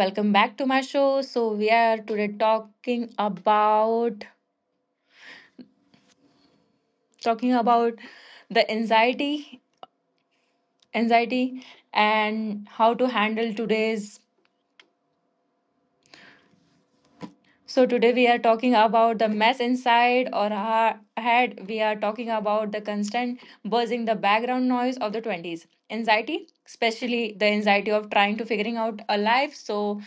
welcome back to my show. So we are today talking about the anxiety and how to handle today's. So today we are talking about the mess inside or our head. We are talking about the constant buzzing, the background noise of the 20s. Anxiety, especially the anxiety of trying to figuring out a life. So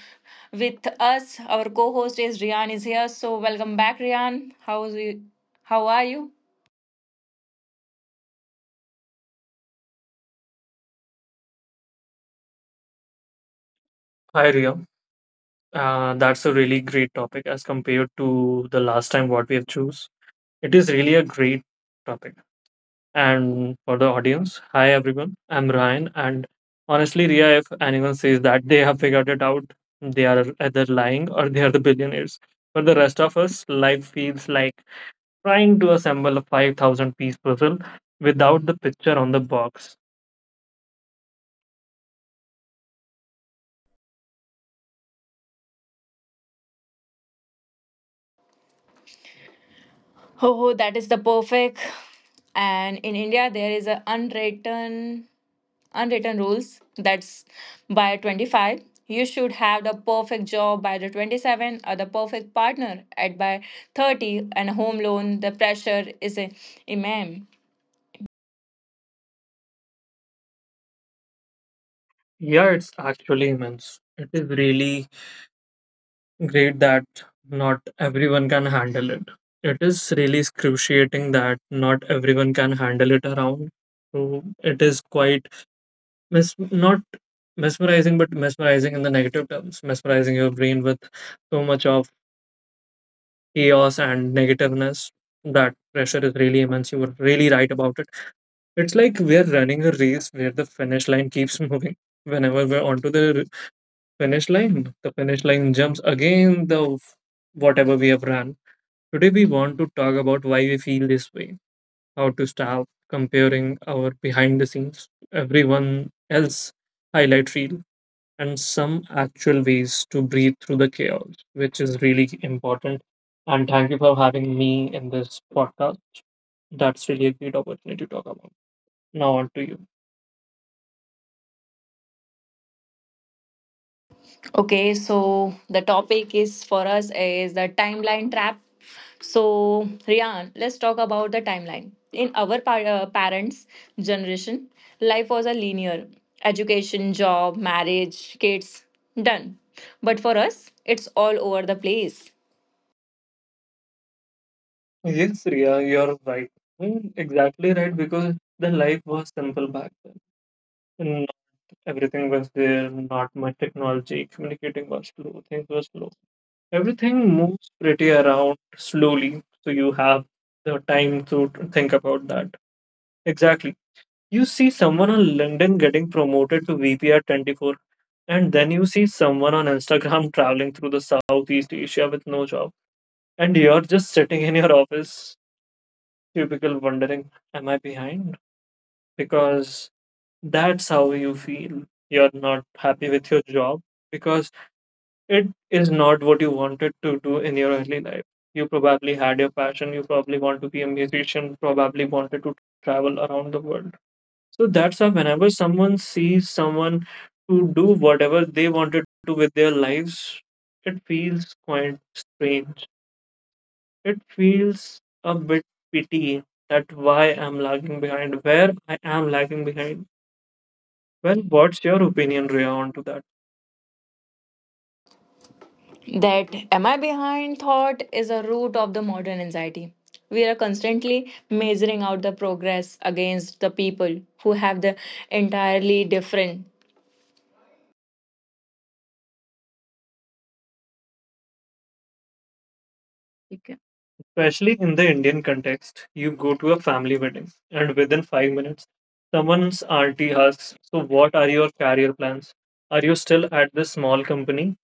with us, our co-host is Rian is here. So welcome back, Rian. How are you? Hi Ria. That's a really great topic as compared to the last time what we have choose. It is really a great topic. And for the audience, hi everyone. I'm Ryan, and honestly, Ria, if anyone says that they have figured it out, they are either lying or they are the billionaires. For the rest of us, life feels like trying to assemble a 5,000 piece puzzle without the picture on the box. Oh, that is the perfect. And in India, there is an unwritten rules that's by 25 you should have the perfect job by the 27 or the perfect partner at by 30 and home loan, the pressure is a immense. Yeah, it's actually immense. It is really great that not everyone can handle it. It is really excruciating that not everyone can handle it around. So it is quite not mesmerizing, but mesmerizing in the negative terms, mesmerizing your brain with so much of chaos and negativeness. That pressure is really immense. You were really right about it. It's like we're running a race where the finish line keeps moving. Whenever we're onto the finish line, the finish line jumps again the whatever we have run. Today, we want to talk about why we feel this way, how to stop comparing our behind the scenes to everyone else highlight reel, and some actual ways to breathe through the chaos, which is really important. And thank you for having me in this podcast. That's really a great opportunity to talk about. Now, on to you. Okay, so the topic is for us is the timeline trap. So, Rian, let's talk about the timeline. In our parents' generation, life was a linear: education, job, marriage, kids, done. But for us, it's all over the place. Yes, Ria, you're right. I mean, exactly right, because the life was simple back then. Not everything was there, not much technology, communicating was slow, things were slow. Everything moves pretty around slowly, so you have the time to think about that. Exactly. You see someone on LinkedIn getting promoted to VP at 24, and then you see someone on Instagram traveling through the Southeast Asia with no job, and you're just sitting in your office cubicle wondering, am I behind? Because that's how you feel. You're not happy with your job because it is not what you wanted to do in your early life. You probably had your passion, you probably want to be a musician, probably wanted to travel around the world. So that's why whenever someone sees someone to do whatever they wanted to with their lives, it feels quite strange, it feels a bit pity. That why I'm lagging behind, where I am lagging behind. Well, what's your opinion, Rhea, on to that? That am I behind thought is a root of the modern anxiety. We are constantly measuring out the progress against the people who have the entirely different. Especially in the Indian context, you go to a family wedding, and within 5 minutes, someone's auntie asks, so, what are your career plans? Are you still at this small company?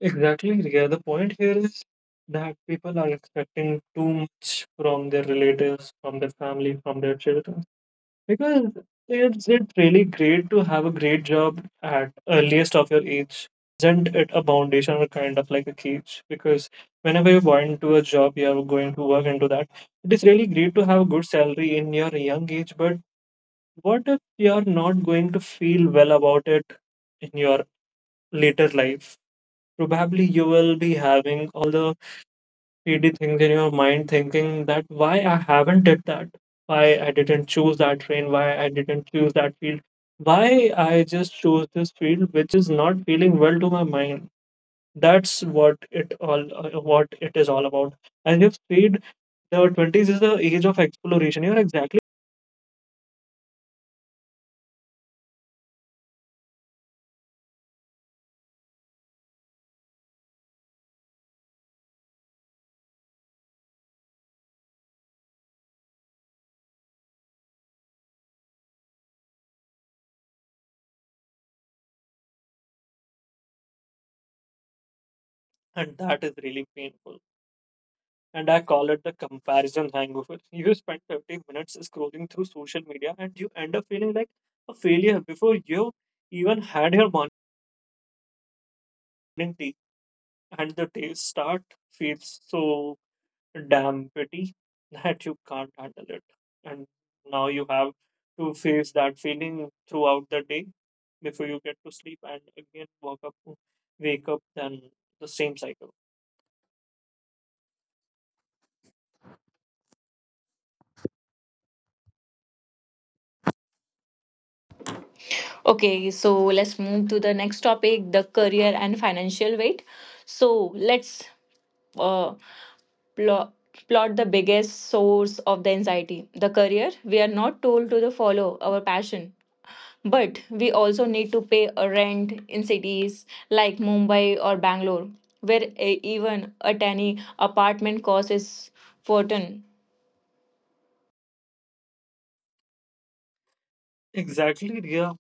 Exactly, Riya. The point here is that people are expecting too much from their relatives, from their family, from their children. Because it's really great to have a great job at earliest of your age. Isn't it a foundation or kind of like a cage? Because whenever you go into a job, you are going to work into that. It is really great to have a good salary in your young age, but what if you are not going to feel well about it in your later life? Probably you will be having all the shady things in your mind, thinking that why I haven't did that, why I didn't choose that train, why I didn't choose that field, why I just chose this field, which is not feeling well to my mind. That's what it all what it is all about. As you've said, the 20s is the age of exploration, you're exactly. And that is really painful. And I call it the comparison hangover. You spend 50 minutes scrolling through social media and you end up feeling like a failure before you even had your morning tea. And the day start feels so damn petty that you can't handle it. And now you have to face that feeling throughout the day before you get to sleep and again walk up, wake up, then the same cycle. Okay, so let's move to the next topic, the career and financial weight. So let's uh, plot, plot the biggest source of the anxiety, the career. We are not told to the follow our passion, but we also need to pay a rent in cities like Mumbai or Bangalore, where a, even a tiny apartment cost is fortune. Exactly, Ria.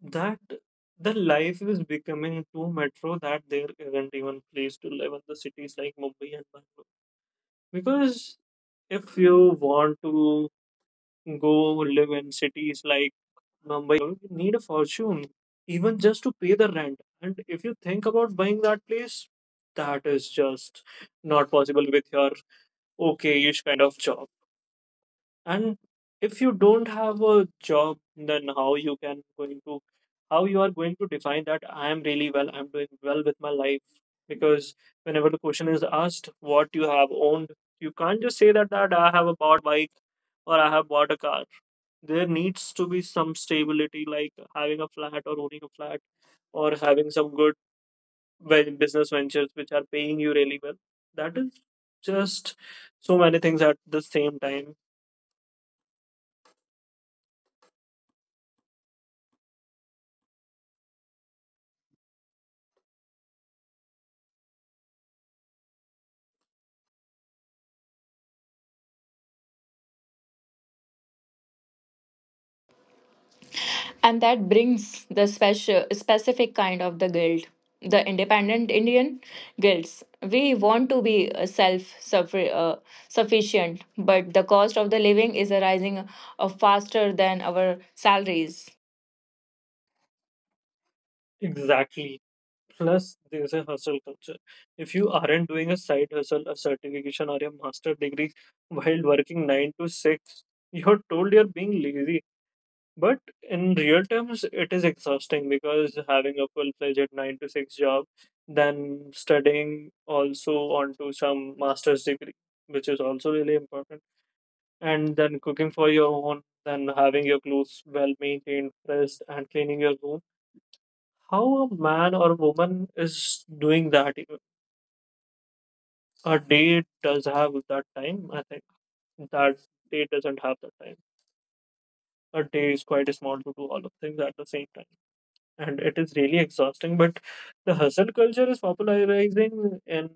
That the life is becoming too metro that there isn't even place to live in the cities like Mumbai and Bangalore. Because if you want to go live in cities like Mumbai Bangalore, you need a fortune even just to pay the rent. And if you think about buying that place, that is just not possible with your okayish kind of job. And if you don't have a job, then how you can going to, how you are going to define that I am really well, I'm doing well with my life? Because whenever the question is asked, what you have owned, you can't just say that, that I have bought bike or I have bought a car. There needs to be some stability, like having a flat or owning a flat or having some good business ventures which are paying you really well. That is just so many things at the same time. And that brings the special specific kind of the guilt, the independent Indian guilts. We want to be self sufficient, but the cost of the living is rising faster than our salaries. Exactly. Plus, there's a hustle culture. If you aren't doing a side hustle, a certification, or a master degree while working 9 to 6, you're told you're being lazy. But in real terms, it is exhausting because having a full fledged 9 to 6 job, then studying also onto some master's degree, which is also really important, and then cooking for your own, then having your clothes well maintained, pressed, and cleaning your room, how a man or a woman is doing that? A day does have that time. I think that day doesn't have that time. A day is quite small to do all of things at the same time, and it is really exhausting. But the hustle culture is popularizing in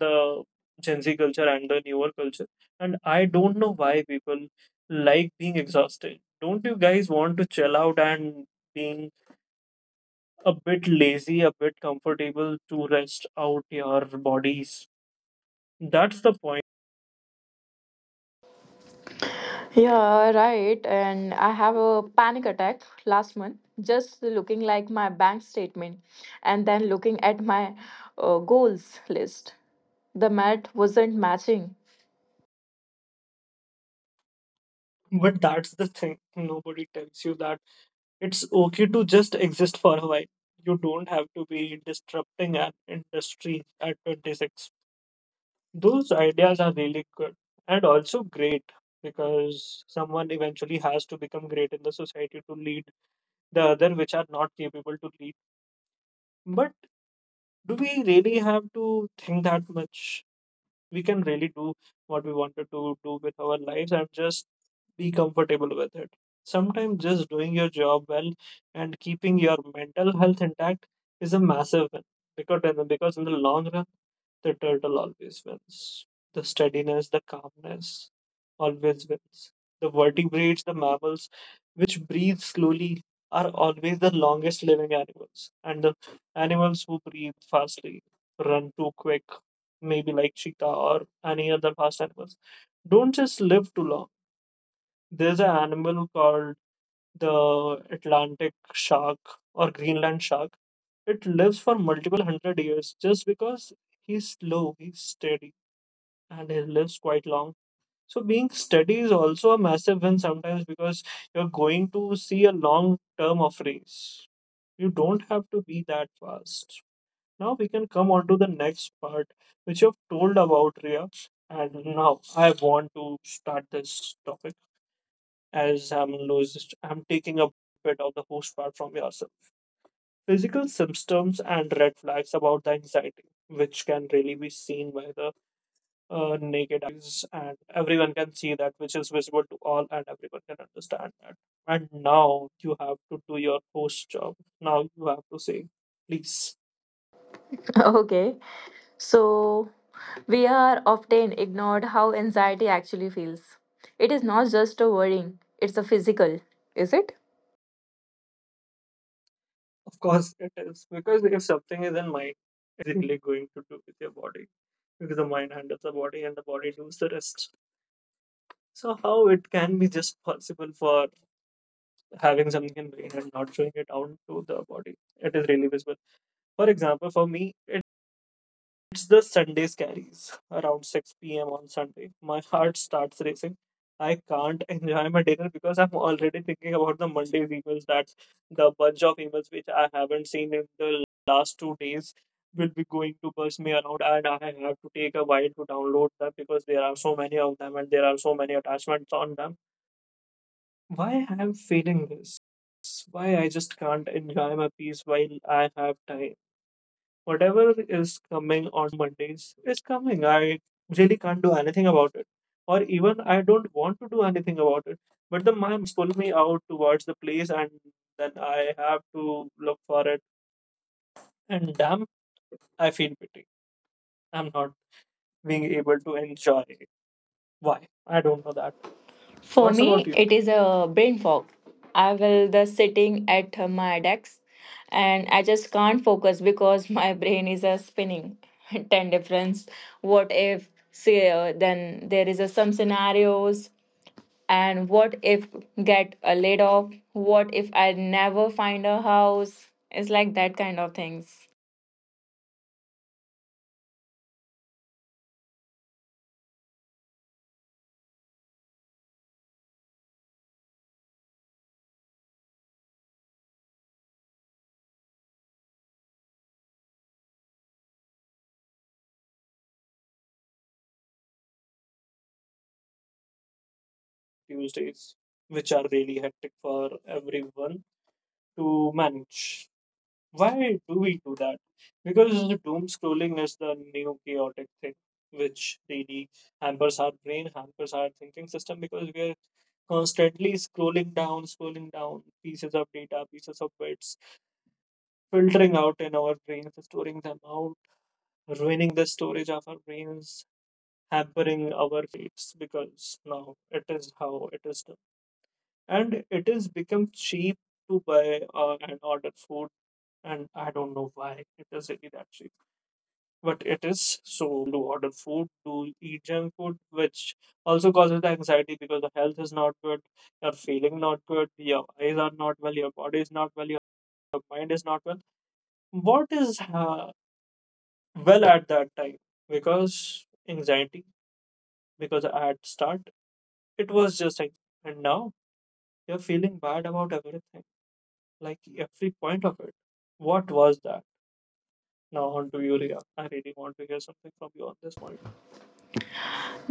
the Gen Z culture and the newer culture, and I don't know why people like being exhausted. Don't you guys want to chill out and being a bit lazy, a bit comfortable to rest out your bodies? That's the point. Yeah, right. And I have a panic attack last month just looking like my bank statement and then looking at my goals list. The math wasn't matching. But that's the thing. Nobody tells you that it's okay to just exist for a while. You don't have to be disrupting an industry at 26. Those ideas are really good and also great because someone eventually has to become great in the society to lead the other which are not capable to lead. But do we really have to think that much? We can really do what we wanted to do with our lives and just be comfortable with it. Sometimes just doing your job well and keeping your mental health intact is a massive win, because because in the long run, the turtle always wins. The steadiness, the calmness always wins. The vertebrates, the mammals which breathe slowly are always the longest living animals. And the animals who breathe fastly, run too quick, maybe like cheetah or any other fast animals, don't just live too long. There's an animal called the Atlantic shark or Greenland shark. It lives for multiple hundred years just because he's slow, he's steady, and he lives quite long. So being steady is also a massive win sometimes because you're going to see a long term of race. You don't have to be that fast. Now we can come on to the next part, which you've told about Ria. And now I want to start this topic as I'm lowest. I'm taking a bit of the host part from yourself. Physical symptoms and red flags about the anxiety, which can really be seen by the naked eyes, and everyone can see that, which is visible to all, and everyone can understand that. And now you have to do your host job. Now you have to say, please. Okay. So we are often ignored how anxiety actually feels. It is not just a worrying, it's a physical, is it? Of course it is. Because if something is in mind, really going to do with your body. Because the mind handles the body and the body does the rest. So how it can be just possible for having something in brain and not showing it out to the body. It is really visible. For example, for me, it's the Sunday scaries around 6 p.m. on Sunday. My heart starts racing. I can't enjoy my dinner because I'm already thinking about the Monday's emails, that the bunch of emails which I haven't seen in the last 2 days will be going to burst me around and I have to take a while to download them because there are so many of them and there are so many attachments on them. Why I am feeling this? Why I just can't enjoy my peace while I have time? Whatever is coming on Mondays is coming. I really can't do anything about it, or even I don't want to do anything about it. But the my pull me out towards the place, and then I have to look for it. And damn, I feel pity. I'm not being able to enjoy it. Why? I don't know that. For What's about me, you? it is a brain fog. I will the sitting at my desk and I just can't focus because my brain is a spinning. 10 difference. What if, say, then there is a, some scenarios. And what if get a laid off? What if I never find a house? It's like that kind of things. Tuesdays, which are really hectic for everyone to manage. Why do we do that? Because doom scrolling is the new chaotic thing, which really hampers our brain, hampers our thinking system because we are constantly scrolling down pieces of data, pieces of bits, filtering out in our brains, storing them out, ruining the storage of our brains, hampering our states because now it is how it is done. And it is become cheap to buy and order food, and I don't know why it is really that cheap, but it is. So do order food, do eat junk food, which also causes the anxiety because the health is not good, you're feeling not good, your eyes are not well, your body is not well, your mind is not well. What is well at that time? Because anxiety, because at start it was just and now you're feeling bad about everything, like every point of it. What was that? Now on to Yuria. I really want to hear something from you on this point.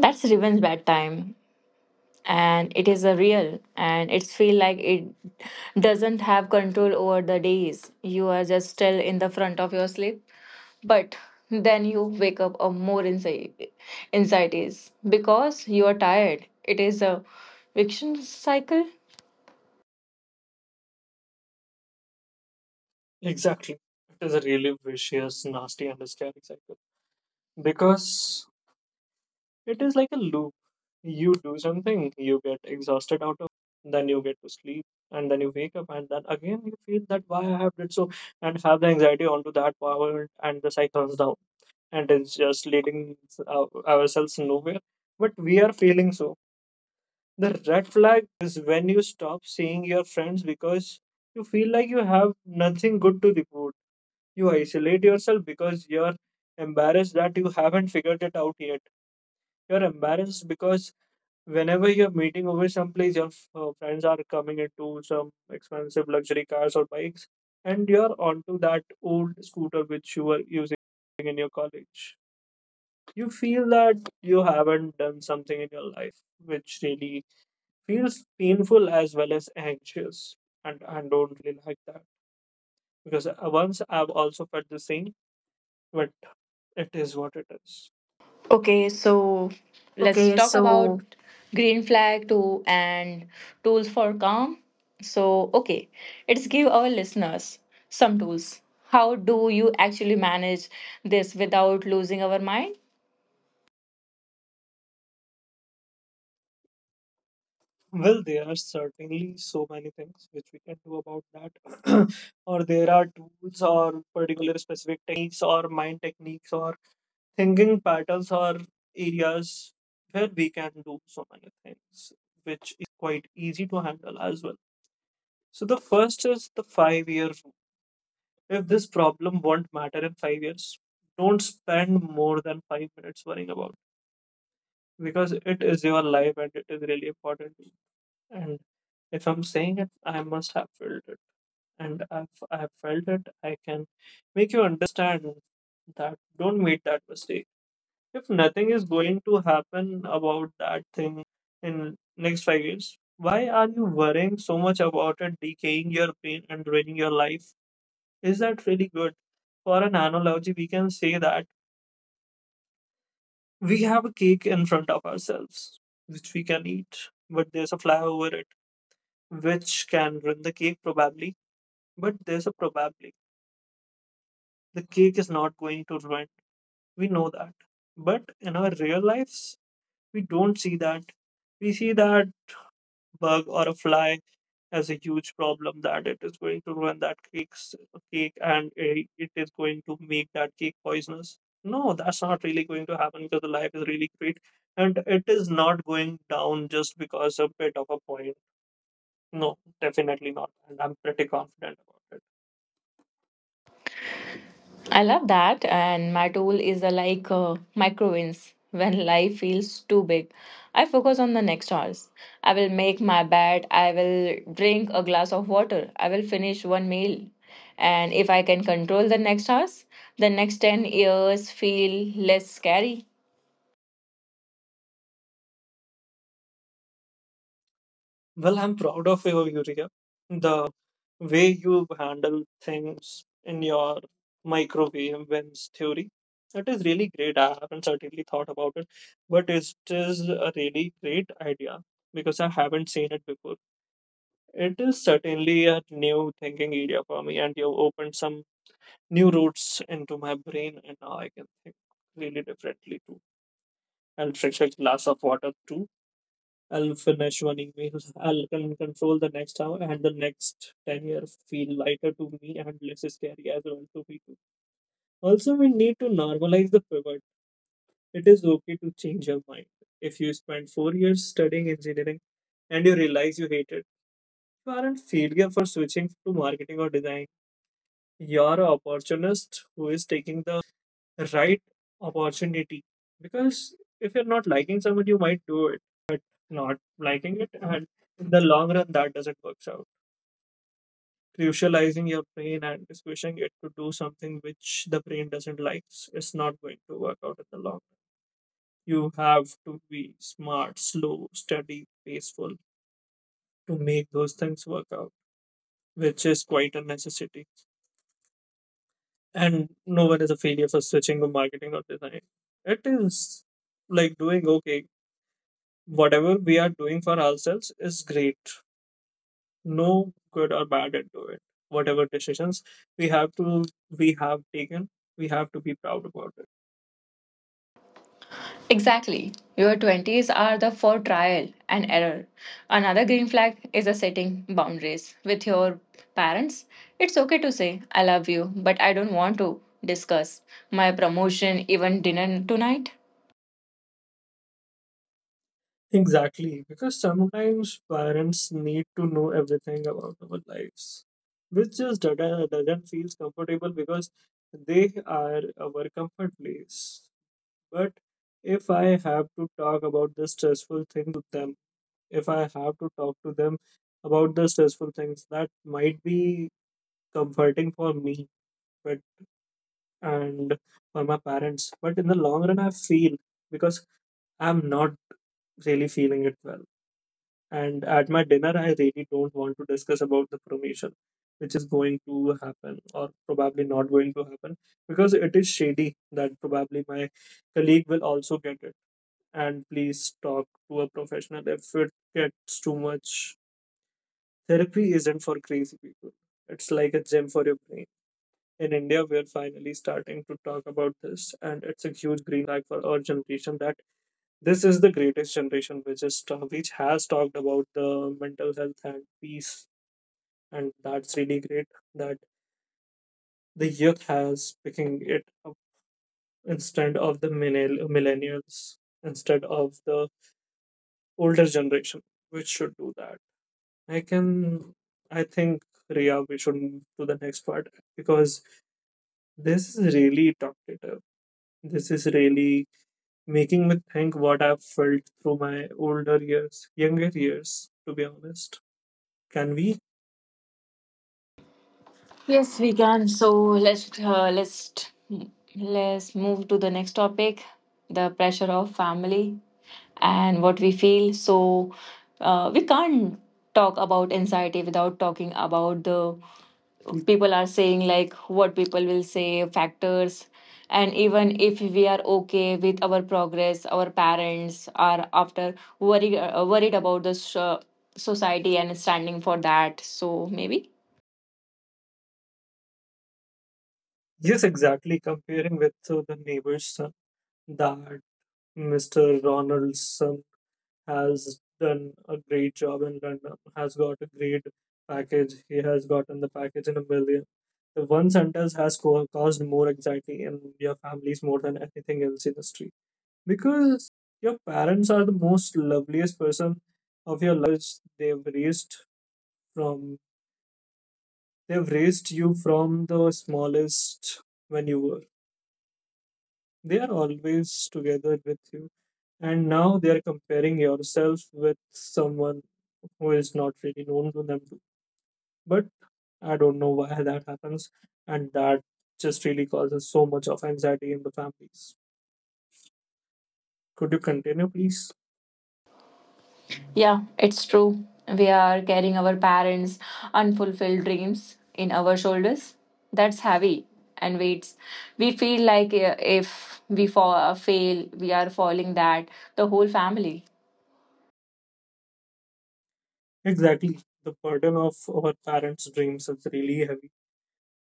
That's revenge bedtime. And it is a real and it feel like it doesn't have control over the days. You are just still in the front of your sleep but then you wake up a more anxieties because you are tired. It is a fiction cycle. Exactly. It is a really vicious, nasty, and a scary cycle. Because it is like a loop. You do something, you get exhausted out of then you get to sleep, and then you wake up, and then again you feel that why I have did so, and have the anxiety onto that power, and the cycle turns down, and it's just leading ourselves nowhere. But we are feeling so the red flag is when you stop seeing your friends because you feel like you have nothing good to report. You isolate yourself because you're embarrassed that you haven't figured it out yet. You're embarrassed because whenever you're meeting over someplace, your friends are coming into some expensive luxury cars or bikes, and you're onto that old scooter which you were using in your college. You feel that you haven't done something in your life which really feels painful as well as anxious, and I don't really like that because once I've also felt the same, but it is what it is. Okay, so let's Okay, talk about so green flag too and tools for calm. So, okay, let's give our listeners some tools. How do you actually manage this without losing our mind? well, there are certainly so many things which we can do about that, or there are tools or particular specific techniques or mind techniques or thinking patterns or areas where we can do so many things, which quite easy to handle as well. So, the first is the five year. If this problem won't matter in five years, don't spend more than five minutes worrying about because it is your life and it is really important to you. And if I'm saying it, I must have felt it. And if I have felt it, I can make you understand that don't make that mistake. If nothing is going to happen about that thing in next five years, why are you worrying so much about it, decaying your brain and ruining your life? Is that really good? For an analogy, we can say that we have a cake in front of ourselves, which we can eat, but there's a fly over it, which can ruin the cake probably. But there's a probably. The cake is not going to ruin. We know that. But in our real lives, we don't see that. We see that bug or a fly as a huge problem that it is going to ruin that cake and it is going to make that cake poisonous. No, that's not really going to happen because the life is really great and it is not going down just because a bit of a point. No, definitely not. And I'm pretty confident about it. I love that. And my tool is a, like micro wins. When life feels too big, I focus on the next hours. I will make my bed. I will drink a glass of water. I will finish one meal. And if I can control the next hours, the next 10 years feel less scary. Well, I'm proud of you, Yuria. The way you handle things in your microwave wins theory. It is really great. I haven't certainly thought about it, but it is a really great idea because I haven't seen it before. It is certainly a new thinking area for me, and you opened some new routes into my brain, and now I can think really differently too. I'll fetch a glass of water too. I'll finish one email. I'll can control the next hour, and the next 10 years feel lighter to me and less scary as well to people. Also, we need to normalize the pivot. It is okay to change your mind. If you spend four years studying engineering and you realize you hate it, you aren't failure for switching to marketing or design. You're an opportunist who is taking the right opportunity because if you're not liking someone you might do it but not liking it, and in the long run that doesn't work out, crucializing your brain and squishing it to do something which the brain doesn't like is not going to work out in the long run. You have to be smart, slow, steady, paceful to make those things work out, which is quite a necessity, and no one is a failure for switching to marketing or design. It is like doing okay, whatever we are doing for ourselves is great, no good or bad into it, whatever decisions we have to we have taken we have to be proud about it. Exactly. Your 20s are the for trial and error. Another green flag is a setting boundaries with your parents. It's okay to say, I love you, but I don't want to discuss my promotion, even dinner tonight. Exactly, because sometimes parents need to know everything about our lives, which just doesn't feel comfortable because they are our comfort place. But if I have to talk about the stressful things to them, if I have to talk to them about the stressful things, that might be comforting for me but and for my parents. But in the long run I feel because I'm not really feeling it well. And at my dinner I really don't want to discuss about the promotion which is going to happen or probably not going to happen because it is shady that probably my colleague will also get it. And please talk to a professional if it gets too much. Therapy isn't for crazy people. It's like a gym for your brain. In India, we're finally starting to talk about this, and it's a huge green flag for our generation that this is the greatest generation which is which has talked about the mental health and peace, and that's really great that the youth has picking it up instead of the millennials, instead of the older generation, which should do that. I can, I think, Ria, we should move to the next part because this is really talkative. This is really making me think what I've felt through my older years, younger years, to be honest. Can we? Yes, we can. So let's let's move to the next topic, the pressure of family and what we feel. So we can't talk about anxiety without talking about the people are saying like what people will say factors. And even if we are okay with our progress, our parents are after worried worried about the so- society and standing for that. So maybe Yes, exactly. Comparing with the neighbor's son, that Mr. Ronald's son has done a great job in London, has got a great package. He has gotten the package in a million. The one sentence has caused more anxiety in your families more than anything else in the street because your parents are the most loveliest person of your life because they've raised from they've raised you from the smallest when you were. They are always together with you and now they are comparing yourself with someone who is not really known to them, but I don't know why that happens and that just really causes so much of anxiety in the families. Could you continue, please? yeah it's true, we are carrying our parents unfulfilled dreams in our shoulders. That's heavy and weights. We feel like if we fail we are falling that the whole family Exactly, the burden of our parents dreams is really heavy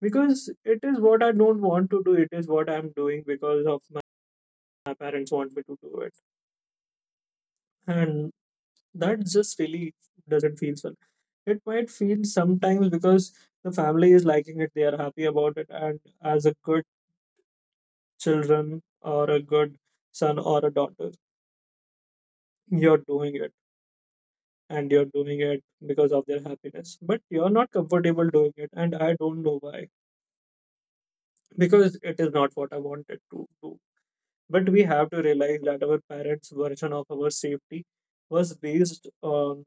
because it is what I don't want to do, it is what I'm doing because of my parents want me to do it, and that just really doesn't feel so it might feel sometimes because the family is liking it, they are happy about it, and as a good children or a good son or a daughter, you're doing it and you're doing it because of their happiness. But you're not comfortable doing it, and I don't know why because it is not what I wanted to do. But we have to realize that our parents' version of our safety was based on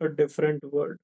a different world